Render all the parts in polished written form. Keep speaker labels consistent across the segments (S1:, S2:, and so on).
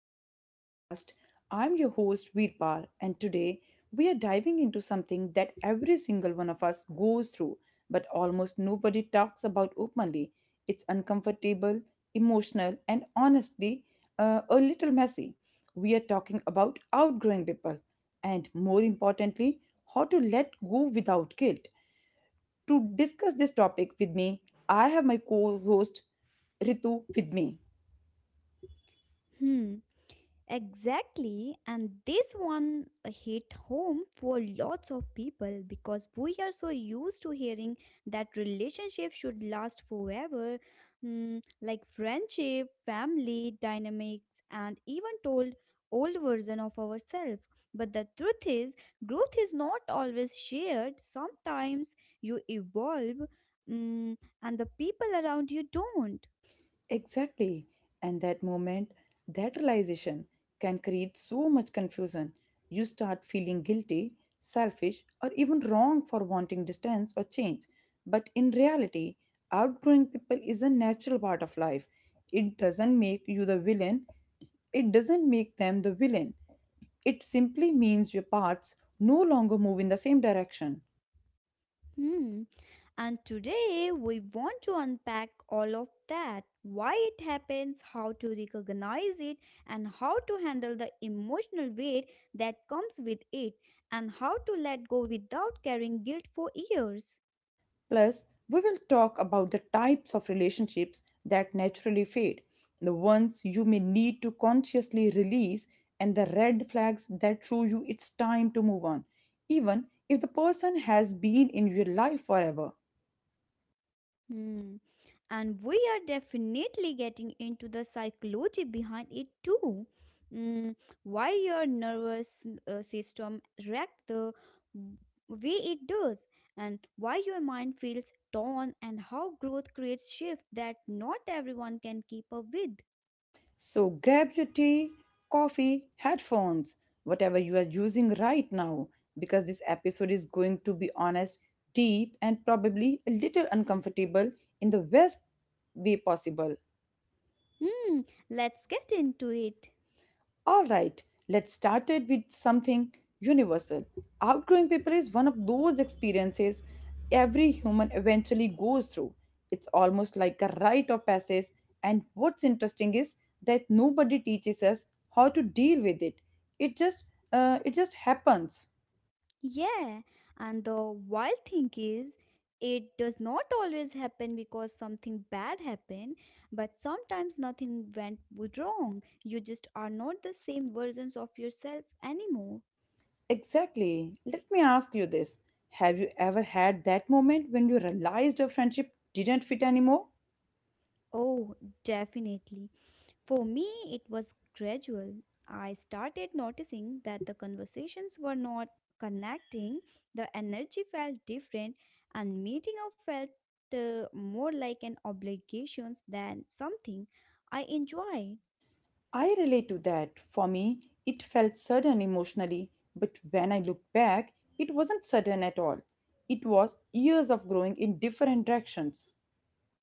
S1: to the podcast. I'm your host Veerpal, and today we are diving into something that every single one of us goes through, but almost nobody talks about openly. It's uncomfortable, emotional, and honestly, a little messy. We are talking about outgrowing people, and more importantly, how to let go without guilt. To discuss this topic with me, I have my co host Ritu with me.
S2: Hmm, exactly. And this one hit home for lots of people because we are so used to hearing that relationship should last forever, like friendship, family dynamics, and even told old version of ourselves. But the truth is, growth is not always shared. Sometimes you evolve, and the people around you don't.
S1: Exactly. And that moment, that realization can create so much confusion. You start feeling guilty, selfish, or even wrong for wanting distance or change. But in reality, outgrowing people is a natural part of life. It doesn't make you the villain, it doesn't make them the villain. It simply means your paths no longer move in the same direction.
S2: Hmm. And today we want to unpack all of that why it happens, how to recognize it, and how to handle the emotional weight that comes with it, and how to let go without carrying guilt for years.
S1: Plus, we will talk about the types of relationships that naturally fade, the ones you may need to consciously release, and the red flags that show you it's time to move on, even if the person has been in your life forever.
S2: Hmm. And we are definitely getting into the psychology behind it too. Mm, why your nervous system reacts the way it does, and why your mind feels torn, and how growth creates shift that not everyone can keep up with.
S1: So, grab your tea, coffee, headphones, whatever you are using right now, because this episode is going to be honest, deep, and probably a little uncomfortable in the best way possible.
S2: Hmm. Let's get into it.
S1: All right, let's start it with something universal. Outgrowing people is one of those experiences every human eventually goes through. It's almost like a rite of passage, and what's interesting is that nobody teaches us how to deal with it. It just it just happens.
S2: Yeah, and the wild thing is, it does not always happen because something bad happened, but sometimes nothing went wrong. You just are not the same versions of yourself anymore.
S1: Exactly. Let me ask you this. Have you ever had that moment when you realized your friendship didn't fit anymore?
S2: Oh, definitely. For me, it was gradual. I started noticing that the conversations were not connecting, the energy felt different, and meeting up felt more like an obligation than something I enjoyed.
S1: I relate to that. For me, it felt sudden emotionally, but when I look back, it wasn't sudden at all. It was years of growing in different directions.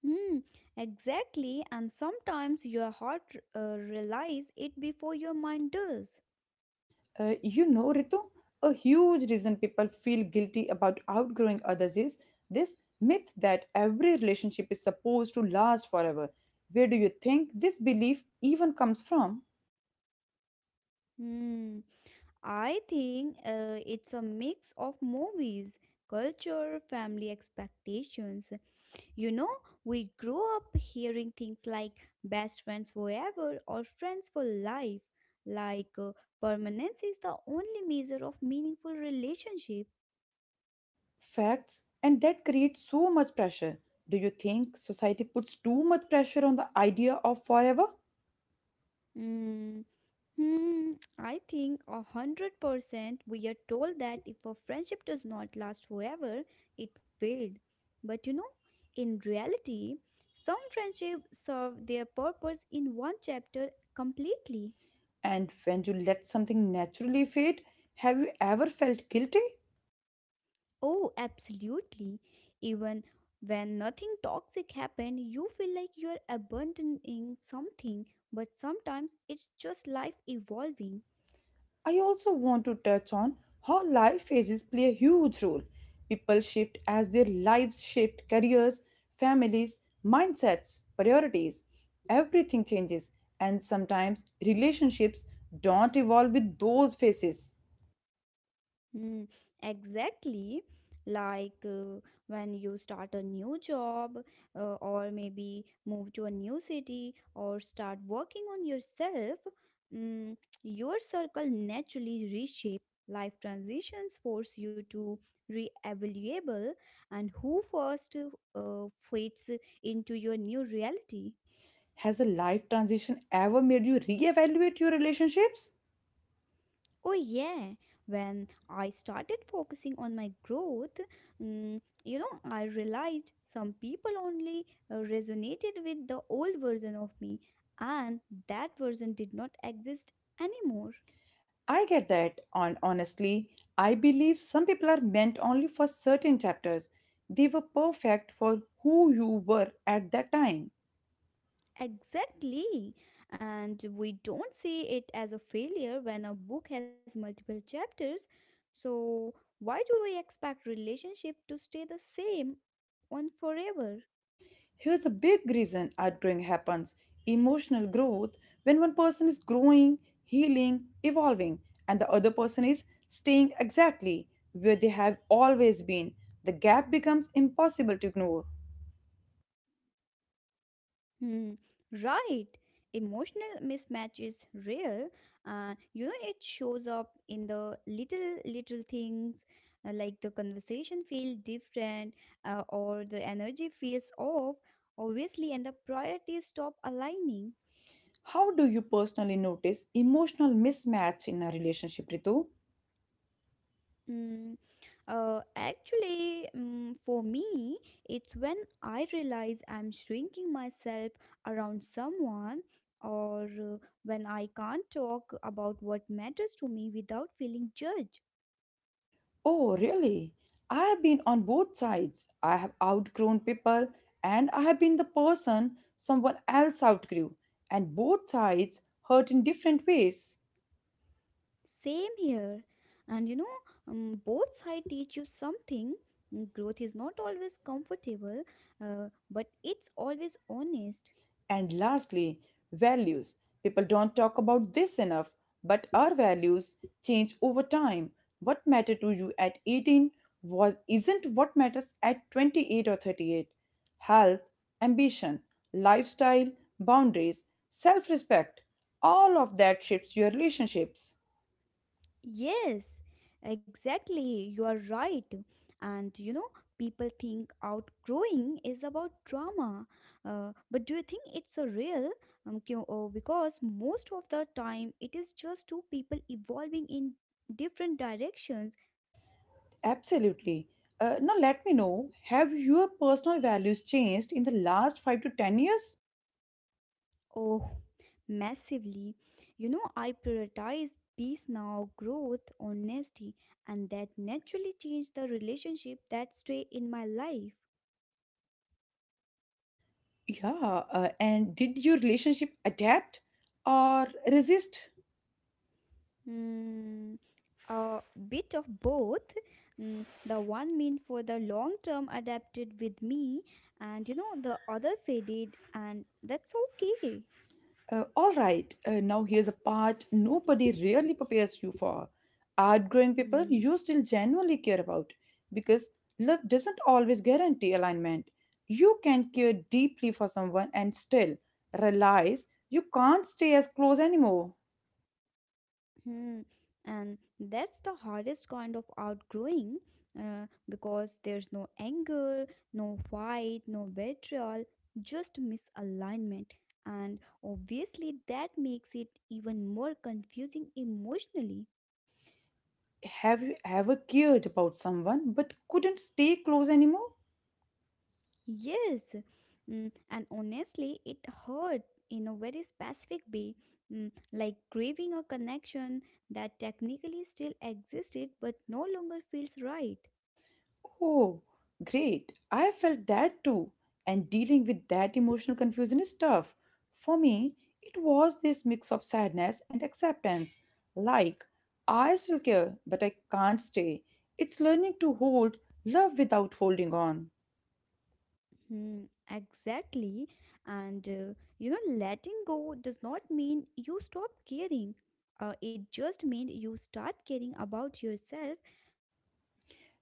S2: Hmm, exactly, and sometimes your heart realizes it before your mind does.
S1: Ritu, a huge reason people feel guilty about outgrowing others is this myth that every relationship is supposed to last forever. Where do you think this belief even comes from?
S2: Hmm, I think it's a mix of movies, culture, family expectations. You know, we grow up hearing things like best friends forever or friends for life, like permanence is the only measure of meaningful relationship.
S1: Facts, and that creates so much pressure. Do you think society puts too much pressure on the idea of forever?
S2: Mm, hmm, I think 100% we are told that if a friendship does not last forever, it failed. But in reality, some friendships serve their purpose in one chapter completely.
S1: And when you let something naturally fade, have you ever felt guilty?
S2: Oh, absolutely. Even when nothing toxic happened, you feel like you're abandoning something, but sometimes it's just life evolving.
S1: I also want to touch on how life phases play a huge role. People shift as their lives shift, careers, families, mindsets, priorities. Everything changes, and sometimes relationships don't evolve with those phases.
S2: Mm, exactly. Like when you start a new job, or maybe move to a new city, or start working on yourself, mm, your circle naturally reshape. Life transitions force you to re-evaluable and who first uh, fits into your new reality.
S1: Has a life transition ever made you reevaluate your relationships?
S2: Oh, yeah. When I started focusing on my growth, I realized some people only resonated with the old version of me, and that version did not exist anymore.
S1: I get that. On honestly, I believe some people are meant only for certain chapters. They were perfect for who you were at that time.
S2: Exactly. And we don't see it as a failure when a book has multiple chapters. So, why do we expect relationship to stay the same on forever?
S1: Here's a big reason outgrowing happens: emotional growth. When one person is growing, healing, evolving, and the other person is staying exactly where they have always been, the gap becomes impossible to ignore.
S2: Hmm, right. Emotional mismatch is real. It shows up in the little, little things like the conversation feel different or the energy feels off, obviously, and the priorities stop aligning.
S1: How do you personally notice emotional mismatch in a relationship, Ritu?
S2: Mm, actually, for me, it's when I realize I'm shrinking myself around someone, or when I can't talk about what matters to me without feeling judged.
S1: Oh, really? I have been on both sides. I have outgrown people and I have been the person someone else outgrew, and both sides hurt in different ways.
S2: Same here. And both sides teach you something. Growth is not always comfortable, but it's always honest.
S1: And lastly, values. People don't talk about this enough, but our values change over time. What mattered to you at 18 was isn't what matters at 28 or 38. Health, ambition, lifestyle, boundaries, self-respect, all of that shapes your relationships.
S2: Yes, exactly. You are right. And people think outgrowing is about trauma. But do you think it's a real? Because most of the time it is just two people evolving in different directions.
S1: Absolutely. Now let me know, have your personal values changed in the last 5 to 10 years?
S2: Oh, massively. I prioritize peace now, growth, honesty, and that naturally changed the relationship that stay in my life.
S1: Yeah, and did your relationship adapt or resist?
S2: Mm, a bit of both. The one meant for the long term adapted with me, and the other faded, and that's okay.
S1: All right, now here's a part nobody really prepares you for. Outgrowing people
S2: Hmm.
S1: you still genuinely care about, because love doesn't always guarantee alignment. You can care deeply for someone and still realize you can't stay as close anymore.
S2: Hmm. And that's the hardest kind of outgrowing because there's no anger, no fight, no betrayal, just misalignment. And obviously, that makes it even more confusing emotionally.
S1: Have you ever cared about someone but couldn't stay close anymore?
S2: Yes, and honestly, it hurt in a very specific way, like grieving a connection that technically still existed but no longer feels right.
S1: Oh, great. I felt that too. And dealing with that emotional confusion is tough. For me, it was this mix of sadness and acceptance. Like, I still care, but I can't stay. It's learning to hold love without holding on.
S2: Hmm, exactly, and letting go does not mean you stop caring. It just means you start caring about yourself.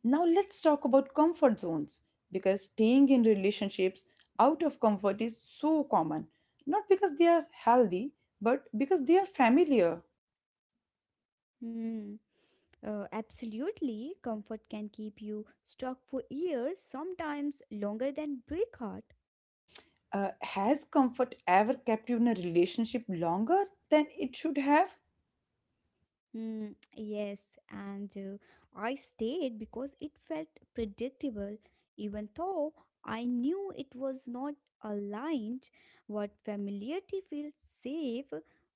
S1: Now, let's talk about comfort zones because staying in relationships out of comfort is so common. Not because they are healthy, but because they are familiar.
S2: Hmm. Absolutely, comfort can keep you stuck for years, sometimes longer than break heart.
S1: Has comfort ever kept you in a relationship longer than it should have?
S2: Mm, yes, and I stayed because it felt predictable, even though I knew it was not aligned. What familiarity feels safe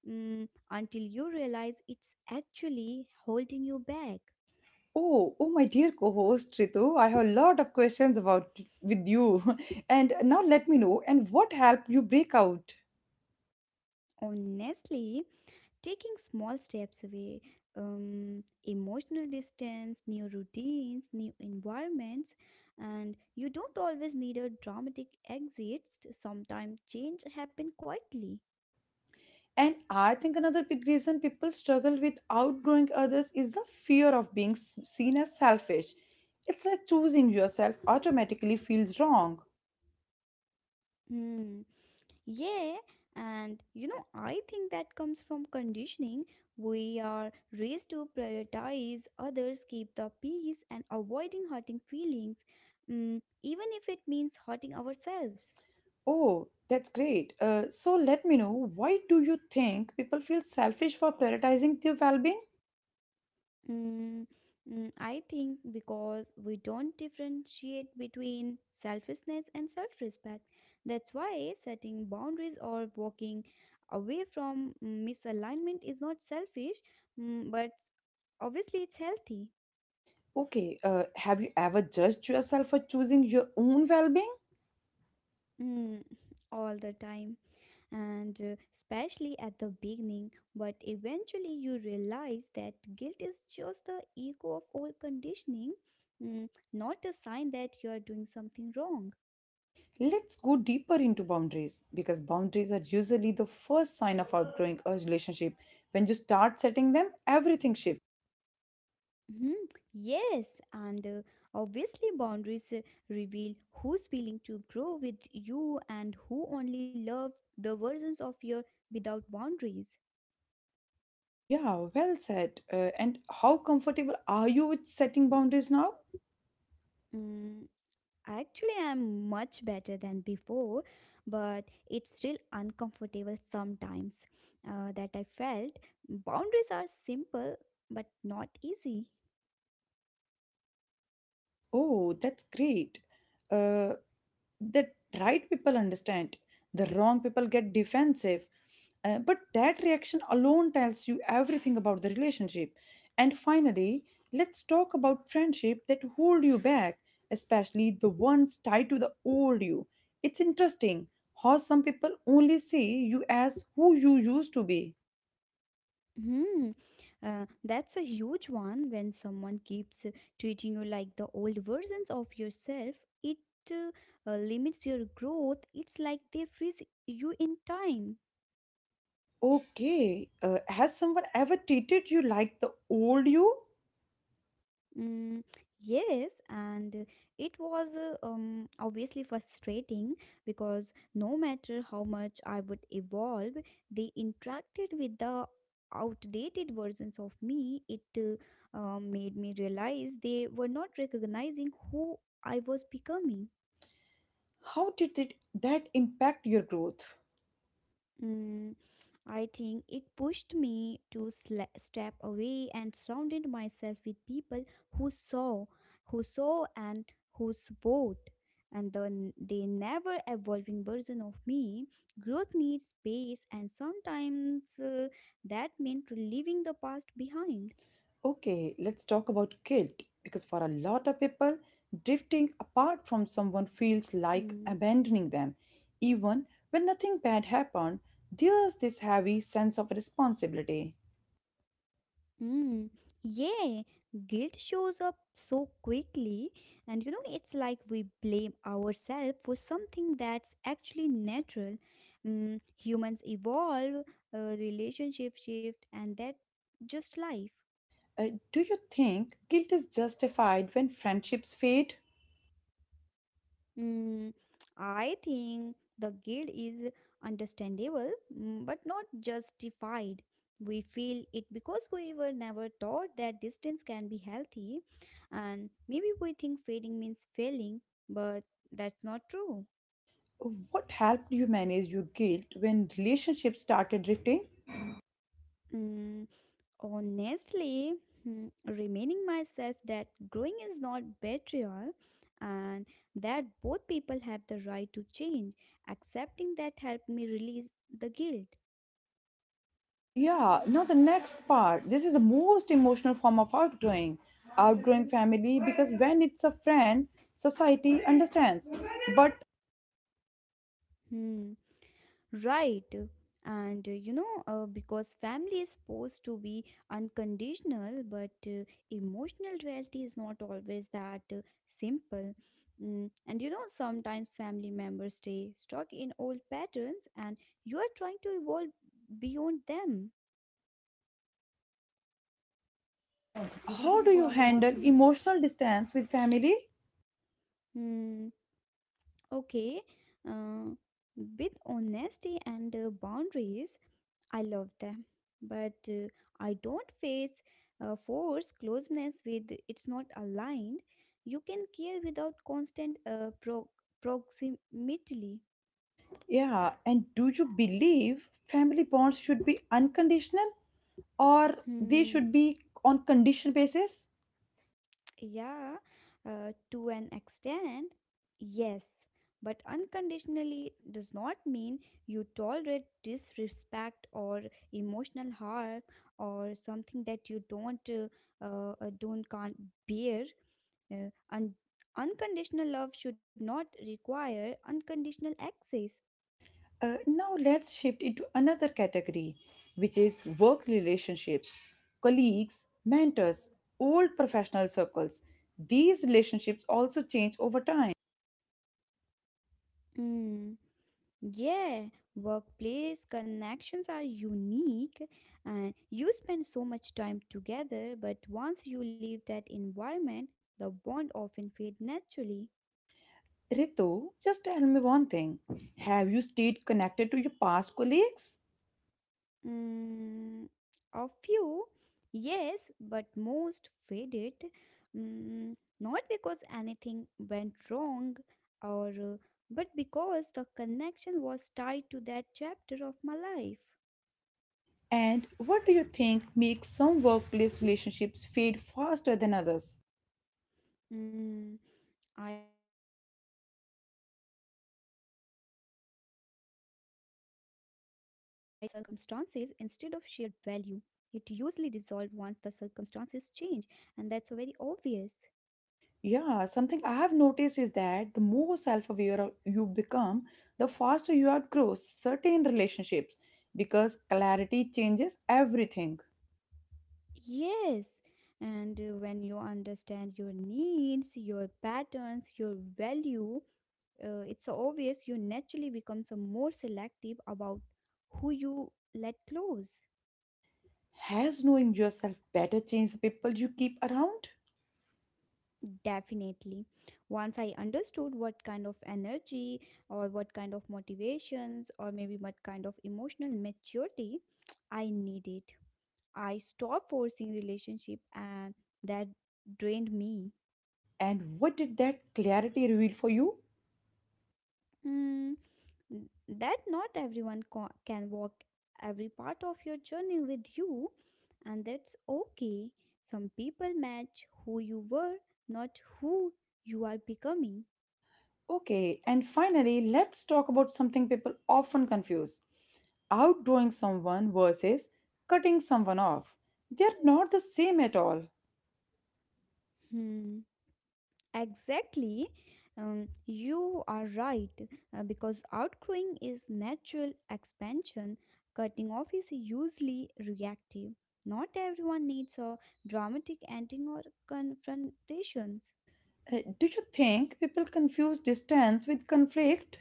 S2: until you realize it's actually holding you back.
S1: Oh, oh, my dear co-host Ritu, I have a lot of questions about with you, and now let me know. And what helped you break out?
S2: Honestly, taking small steps away, emotional distance, new routines, new environments, and you don't always need a dramatic exit. Sometimes change happen quietly.
S1: And I think another big reason people struggle with outgrowing others is the fear of being seen as selfish. It's like choosing yourself automatically feels wrong.
S2: Hmm. Yeah, and I think that comes from conditioning. We are raised to prioritize others, keep the peace, and avoiding hurting feelings, even if it means hurting ourselves.
S1: Oh, that's great. So let me know, why do you think people feel selfish for prioritizing their well-being?
S2: Mm, I think because we don't differentiate between selfishness and self respect. That's why setting boundaries or walking away from misalignment is not selfish, but obviously it's healthy.
S1: Okay, have you ever judged yourself for choosing your own well-being?
S2: mm, all the time and especially at the beginning. But eventually you realize that guilt is just the ego of old conditioning, not a sign that you are doing something wrong.
S1: Let's go deeper into boundaries because boundaries are usually the first sign of outgrowing a relationship. When you start setting them, everything shifts.
S2: Hmm, yes, and obviously, boundaries reveal who's willing to grow with you and who only love the versions of your without boundaries.
S1: Yeah, well said. And how comfortable are you with setting boundaries now?
S2: Mm, actually, I'm much better than before, but it's still uncomfortable sometimes that I felt boundaries are simple but not easy.
S1: Oh, that's great. Uh, the right people understand, the wrong people get defensive. But that reaction alone tells you everything about the relationship. And finally, let's talk about friendship that hold you back, especially the ones tied to the old you. It's interesting how some people only see you as who you used to be.
S2: Hmm, that's a huge one. When someone keeps treating you like the old versions of yourself, it limits your growth. It's like they freeze you in time.
S1: Okay, has someone ever treated you like the old you?
S2: Mm, yes, and it was obviously frustrating because no matter how much I would evolve, they interacted with the outdated versions of me. It made me realize they were not recognizing who I was becoming.
S1: How did it, that impact your growth?
S2: Mm, I think it pushed me to sla step away and surrounded myself with people who saw, who saw and who support. And the never evolving version of me, growth needs space, and sometimes that meant leaving the past behind.
S1: Okay, let's talk about guilt because for a lot of people, drifting apart from someone feels like
S2: Hmm.
S1: abandoning them. Even when nothing bad happened, there's this heavy sense of responsibility.
S2: Mm, yeah, guilt shows up so quickly, and it's like we blame ourselves for something that's actually natural. Humans evolve, relationships shift, and that just life.
S1: Uh, do you think guilt is justified when friendships fade?
S2: Mm, I think the guilt is understandable, but not justified. We feel it because we were never taught that distance can be healthy, and maybe we think fading means failing, but that's not true.
S1: What helped you manage your guilt when relationships started drifting?
S2: Mm, honestly, remaining myself that growing is not betrayal and that both people have the right to change, accepting that helped me release the guilt.
S1: Yeah, now the next part. This is the most emotional form of outgrowing. Outgrowing family, because when it's a friend, society understands. But
S2: Hmm. Right. And Because family is supposed to be unconditional, but emotional reality is not always that simple. And sometimes family members stay stuck in old patterns and you are trying to evolve beyond them.
S1: how do you handle emotional distance with family?
S2: Hmm. Okay. Uh, with honesty and boundaries, I love them, but I don't face force closeness with it's not aligned. You can care without constant proximity.
S1: Yeah, and do you believe family bonds should be unconditional or they
S2: Hmm.
S1: should be on condition basis?
S2: Yeah, to an extent, yes. But unconditionally does not mean you tolerate disrespect or emotional harm or something that you don't can't bear. Uh, un- unconditional love should not require unconditional access.
S1: Now let's shift into another category, which is work relationships, colleagues, mentors, old professional circles. These relationships also change over time.
S2: Mm. Yeah, workplace connections are unique and you spend so much time together, but once you leave that environment, the bond often fades naturally.
S1: Ritu, just tell me one thing. Have you stayed connected to your past colleagues?
S2: Mm, a few, yes, but most faded. Not because anything went wrong or but because the connection was tied to that chapter of my life.
S1: And what do you think makes some workplace relationships fade faster than others?
S2: Mm, I think if the relationship was built on shared circumstances instead of shared value, it usually dissolves once the circumstances change, and that's very obvious.
S1: Yeah, something I have noticed is that the more self-aware you become, the faster you outgrow certain relationships because clarity changes everything.
S2: Yes, and when you understand your needs, your patterns, your value, it's so obvious you naturally become some more selective about who you let close.
S1: Has knowing yourself better changed the people you keep around?
S2: Definitely. Once I understood what kind of energy or what kind of motivations or maybe what kind of emotional maturity I needed, I stopped forcing relationship and that drained me.
S1: And what did that clarity reveal for you?
S2: Mm, that not everyone can walk every part of your journey with you and that's okay. Some people match who you were, not who you are becoming.
S1: Okay, and finally, let's talk about something people often confuse: outdoing someone versus cutting someone off. They are not the same at all.
S2: Hmm. Exactly. You are right because outgrowing is natural expansion. Cutting off is usually reactive. Not everyone needs a dramatic ending or confrontations.
S1: Do you think people confuse distance with conflict?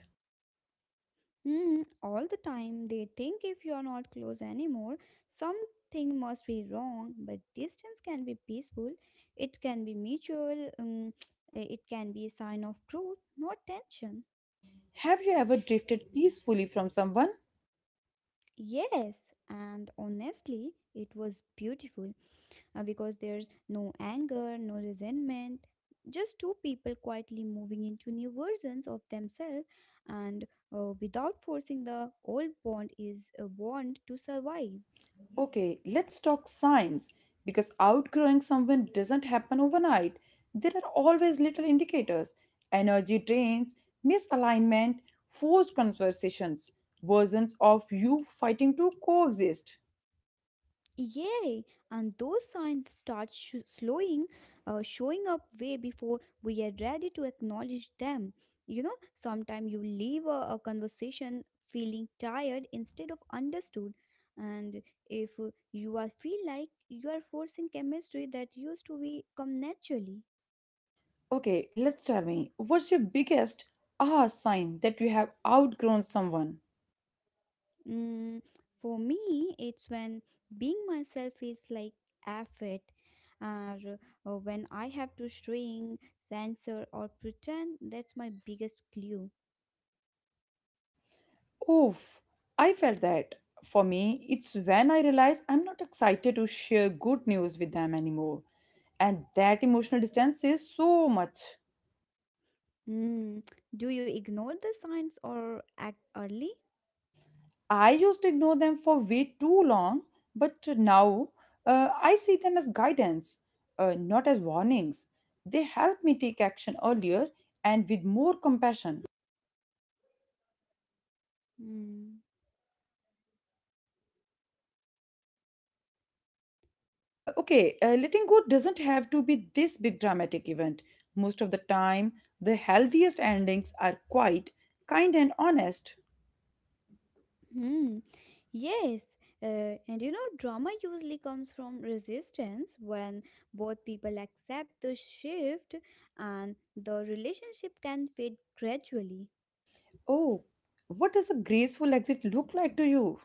S2: Hmm, all the time, they think if you are not close anymore, something must be wrong. But distance can be peaceful, it can be mutual, it can be a sign of growth, not tension.
S1: Have you ever drifted peacefully from someone?
S2: Yes, and honestly, it was beautiful because there's no anger, no resentment, just two people quietly moving into new versions of themselves and without forcing the old bond is a bond to survive.
S1: Okay, let's talk signs because outgrowing someone doesn't happen overnight. There are always little indicators energy drains, misalignment, forced conversations, versions of you fighting to coexist.
S2: Yay! And those signs start slowing, showing up way before we are ready to acknowledge them. Sometimes you leave a conversation feeling tired instead of understood. And if you are feel like you are forcing chemistry that used to be come naturally.
S1: Okay, let's tell me, what's your biggest sign that you have outgrown someone?
S2: Mm, for me, it's when being myself is like effort, or, or when I have to shrink, censor, or pretend. That's my biggest clue.
S1: Oof, I felt that. For me, it's when I realize I'm not excited to share good news with them anymore. And that emotional distance says so much.
S2: Mm, do you ignore the signs or act early?
S1: I used to ignore them for way too long, but now I see them as guidance, not as warnings. They help me take action earlier and with more compassion.
S2: Mm.
S1: Okay, letting go doesn't have to be this big dramatic event. Most of the time, the healthiest endings are quiet, kind, and honest.
S2: Hmm. Yes, uh, and you know, drama usually comes from resistance when both people accept the shift and the relationship can fade gradually.
S1: Oh, what does a graceful exit look like to you?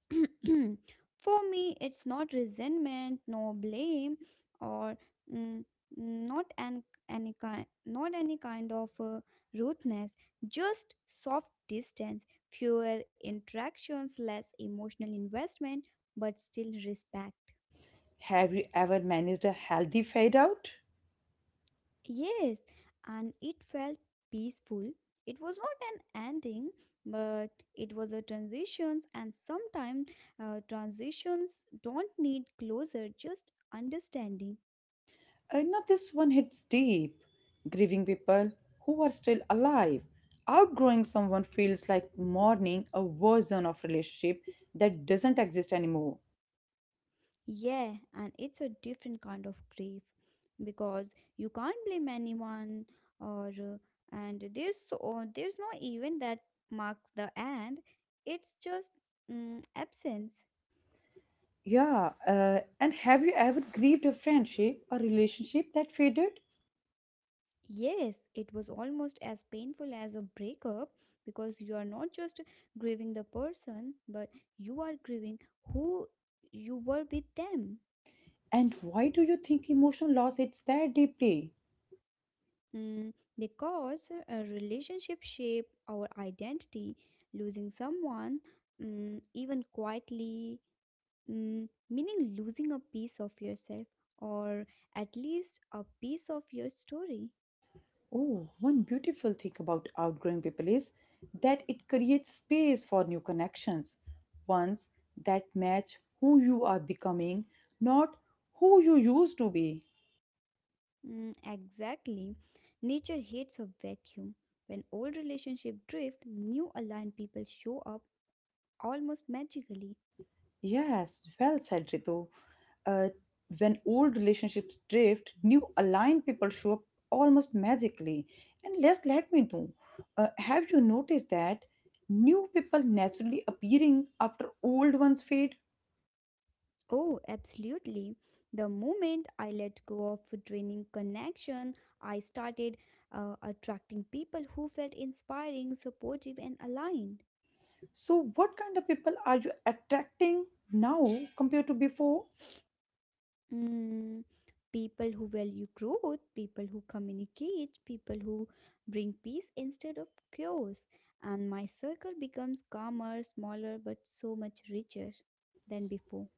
S2: For me, it's not resentment, no blame, or mm, not an, any kind, not any kind of rudeness. Just soft distance, fewer interactions, less emotional investment, but still respect.
S1: Have you ever managed a healthy fade out?
S2: Yes, and it felt peaceful. It was not an ending, but it was a transitions, and sometimes transitions don't need closure, just understanding.
S1: Now, this one hits deep. Grieving people who are still alive. Outgrowing someone feels like mourning a version of relationship that doesn't exist anymore.
S2: Yeah, and it's a different kind of grief because you can't blame anyone, or and there's no event that marks the end. It's just absence.
S1: Yeah, and have you ever grieved a friendship or relationship that faded?
S2: Yes, it was almost as painful as a breakup because you are not just grieving the person, but you are grieving who you were with them.
S1: And why do you think emotional loss hits that deeply?
S2: Mm, because a relationship shape our identity, losing someone, even quietly, meaning losing a piece of yourself or at least a piece of your story.
S1: Oh, one beautiful thing about outgrowing people is that it creates space for new connections, ones that match who you are becoming, not who you used to be.
S2: Mm, exactly. Nature hates a vacuum. When old relationships drift, new aligned people show up almost magically.
S1: Yes, well said, Ritu. Uh, when old relationships drift, new aligned people show up almost magically. And just let me know, have you noticed that new people naturally appearing after old ones fade?
S2: Oh, absolutely. The moment I let go of draining connection, I started attracting people who felt inspiring, supportive, and aligned.
S1: So, what kind of people are you attracting now compared to before?
S2: Mm, People who value growth, people who communicate, people who bring peace instead of chaos. And my circle becomes calmer, smaller, but so much richer than before.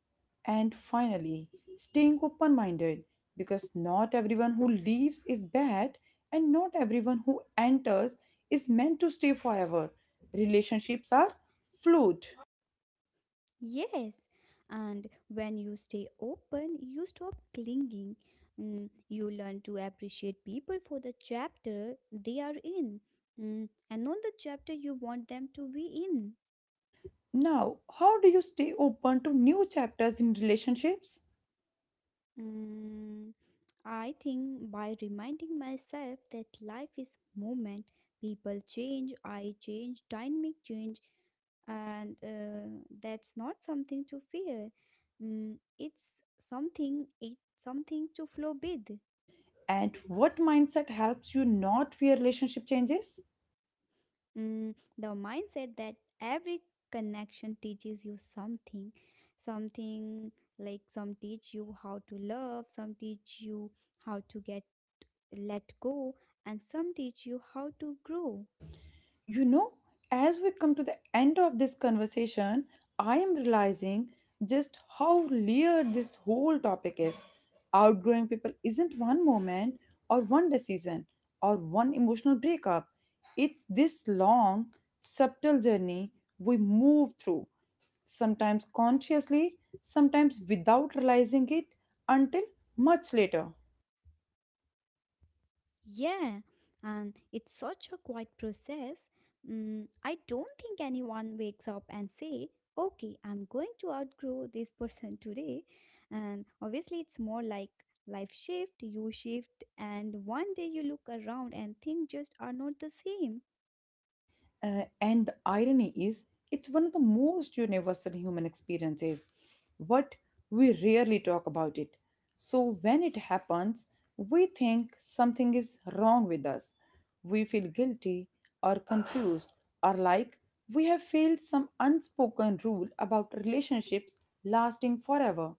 S1: And finally, staying open minded because not everyone who leaves is bad, and not everyone who enters is meant to stay forever. Relationships are fluid.
S2: Yes, and when you stay open, you stop clinging. You learn to appreciate people for the chapter they are in, and not the chapter you want them to be in.
S1: Now, how do you stay open to new chapters in relationships?
S2: Mm. I think by reminding myself that life is movement, people change, I change, dynamic change, and that's not something to fear. It's something to flow with.
S1: And what mindset helps you not fear relationship changes?
S2: The mindset that every connection teaches you something, something like some teach you how to love, some teach you how to get let go, and some teach you how to grow.
S1: You know, as we come to the end of this conversation, I am realizing just how layered this whole topic is. Outgrowing people isn't one moment or one decision or one emotional breakup. It's this long, subtle journey we move through, sometimes consciously, sometimes without realizing it until much later.
S2: Yeah, and it's such a quiet process. I don't think anyone wakes up and say, "Okay, I'm going to outgrow this person today." And obviously, it's more like life shift, you shift, and one day you look around and things just are not the same.
S1: And the irony is, it's one of the most universal human experiences, but we rarely talk about it. So when it happens, we think something is wrong with us. We feel guilty or confused, or like we have failed some unspoken rule about relationships lasting forever.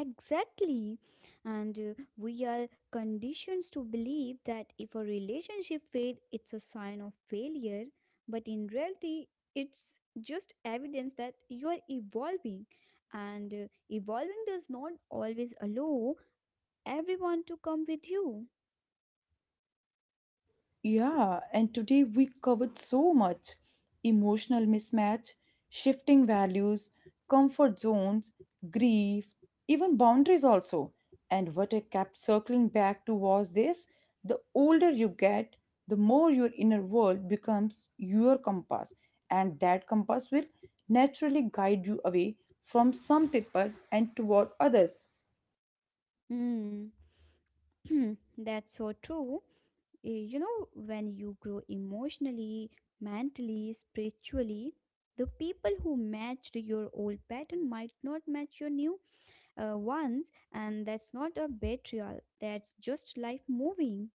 S2: Exactly. And we are conditioned to believe that if a relationship fails, it's a sign of failure. But in reality, it's just evidence that you are evolving. And evolving does not always allow everyone to come with you.
S1: Yeah, and today we covered so much: emotional mismatch, shifting values, comfort zones, grief, even boundaries, also. And what I kept circling back to was this: the older you get, the more your inner world becomes your compass, and that compass will naturally guide you away from some people and toward others.
S2: Hmm. That's so true. You know, when you grow emotionally, mentally, spiritually, the people who matched your old pattern might not match your new ones, and that's not a betrayal, that's just life moving.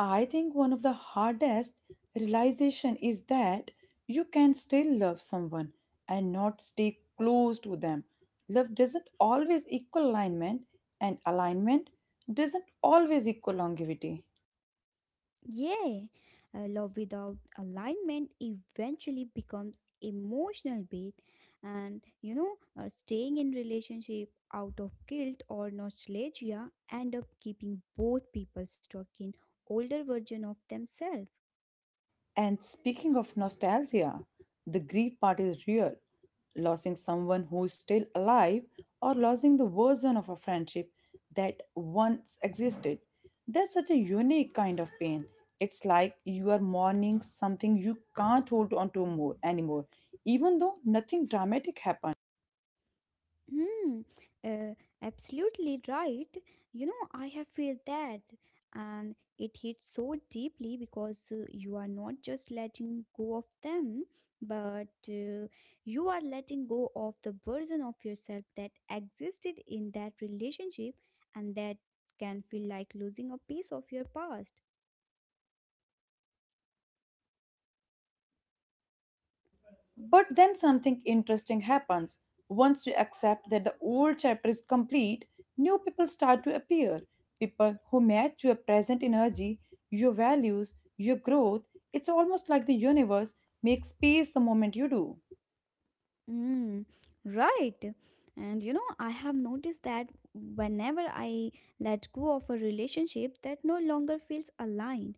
S1: I think one of the hardest realization is that you can still love someone and not stay close to them. Love doesn't always equal alignment and alignment doesn't always equal longevity.
S2: Yeah, love without alignment eventually becomes emotional bait, and you know, staying in relationship out of guilt or nostalgia end up keeping both people stuck in older version of themselves.
S1: And speaking of nostalgia, the grief part is real. Losing someone who is still alive or losing the version of a friendship that once existed. There's such a unique kind of pain. It's like you are mourning something you can't hold on to more anymore, even though nothing dramatic happened.
S2: Hmm, uh, absolutely right. You know, I have felt that, and it hits so deeply because you are not just letting go of them, but you are letting go of the version of yourself that existed in that relationship, and that can feel like losing a piece of your past.
S1: But then something interesting happens. Once you accept that the old chapter is complete, new people start to appear. People who match your present energy, your values, your growth. It's almost like the universe makes space the moment you do.
S2: Mm, right. And you know, I have noticed that whenever I let go of a relationship that no longer feels aligned,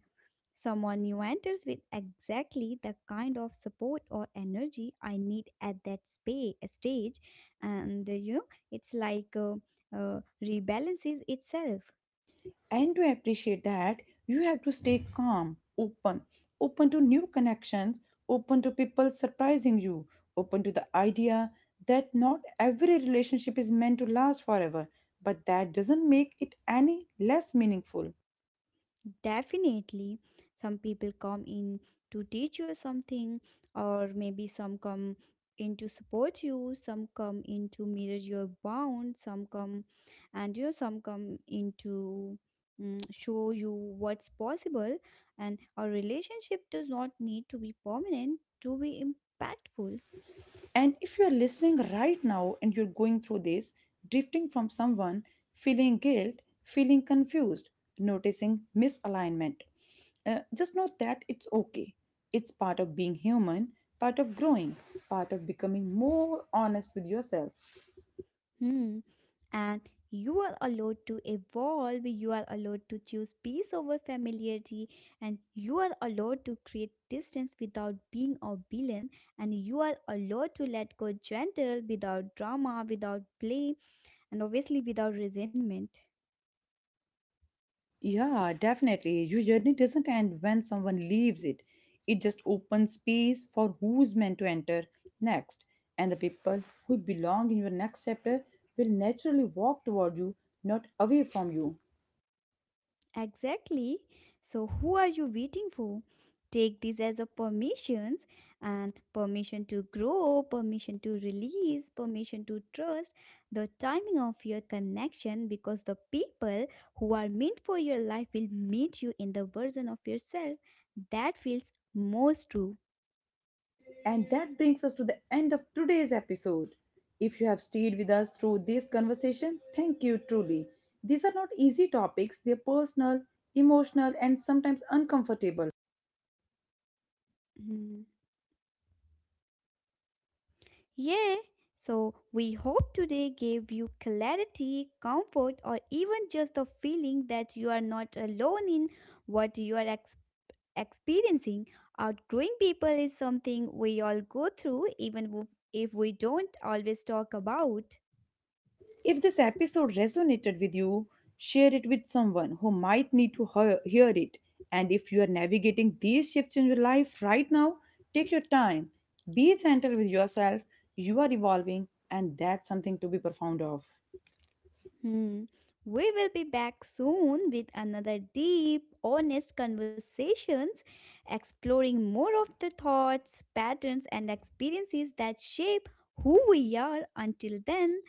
S2: someone new enters with exactly the kind of support or energy I need at that stage. And you know, it's like rebalances itself.
S1: And to appreciate that, you have to stay calm, open, open to new connections, open to people surprising you, open to the idea that not every relationship is meant to last forever, but that doesn't make it any less meaningful.
S2: Definitely, some people come in to teach you something, or maybe some come in to support you, some come in to mirror your bound, some come in to show you what's possible. And a relationship does not need to be permanent to be impactful.
S1: And if you are listening right now and you're going through this, drifting from someone, feeling guilt, feeling confused, noticing misalignment, just know that it's okay. It's part of being human, part of growing, part of becoming more honest with yourself.
S2: Hmm. And you are allowed to evolve, you are allowed to choose peace over familiarity, and you are allowed to create distance without being a villain, and you are allowed to let go gentle without drama, without blame, and obviously without resentment.
S1: Yeah, definitely. Your journey doesn't end when someone leaves it. It just opens space for who's meant to enter next. And the people who belong in your next chapter will naturally walk toward you, not away from you.
S2: Exactly. So who are you waiting for? Take this as a permissions and permission to grow, permission to release, permission to trust the timing of your connection because the people who are meant for your life will meet you in the version of yourself that feels most true.
S1: And that brings us to the end of today's episode. If you have stayed with us through this conversation, thank you truly. These are not easy topics, they're personal, emotional, and sometimes uncomfortable.
S2: Mhm. Yeah, so we hope today gave you clarity, comfort, or even just the feeling that you are not alone in what you are experiencing. Outgrowing people is something we all go through, even if we don't always talk about.
S1: If this episode resonated with you, share it with someone who might need to hear, hear it. And if you are navigating these shifts in your life right now, take your time. Be gentle with yourself. You are evolving, and that's something to be profound of.
S2: Hmm. We will be back soon with another deep, honest conversations, exploring more of the thoughts, patterns, and experiences that shape who we are. Until then,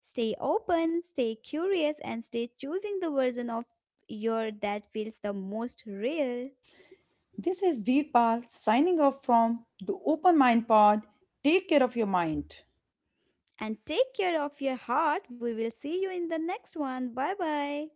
S2: stay open, stay curious, and stay choosing the version of your that feels the most real.
S1: This is Veerpal signing off from the Open Mind Pod. Take care of your mind.
S2: And take care of your heart. We will see you in the next one. Bye bye.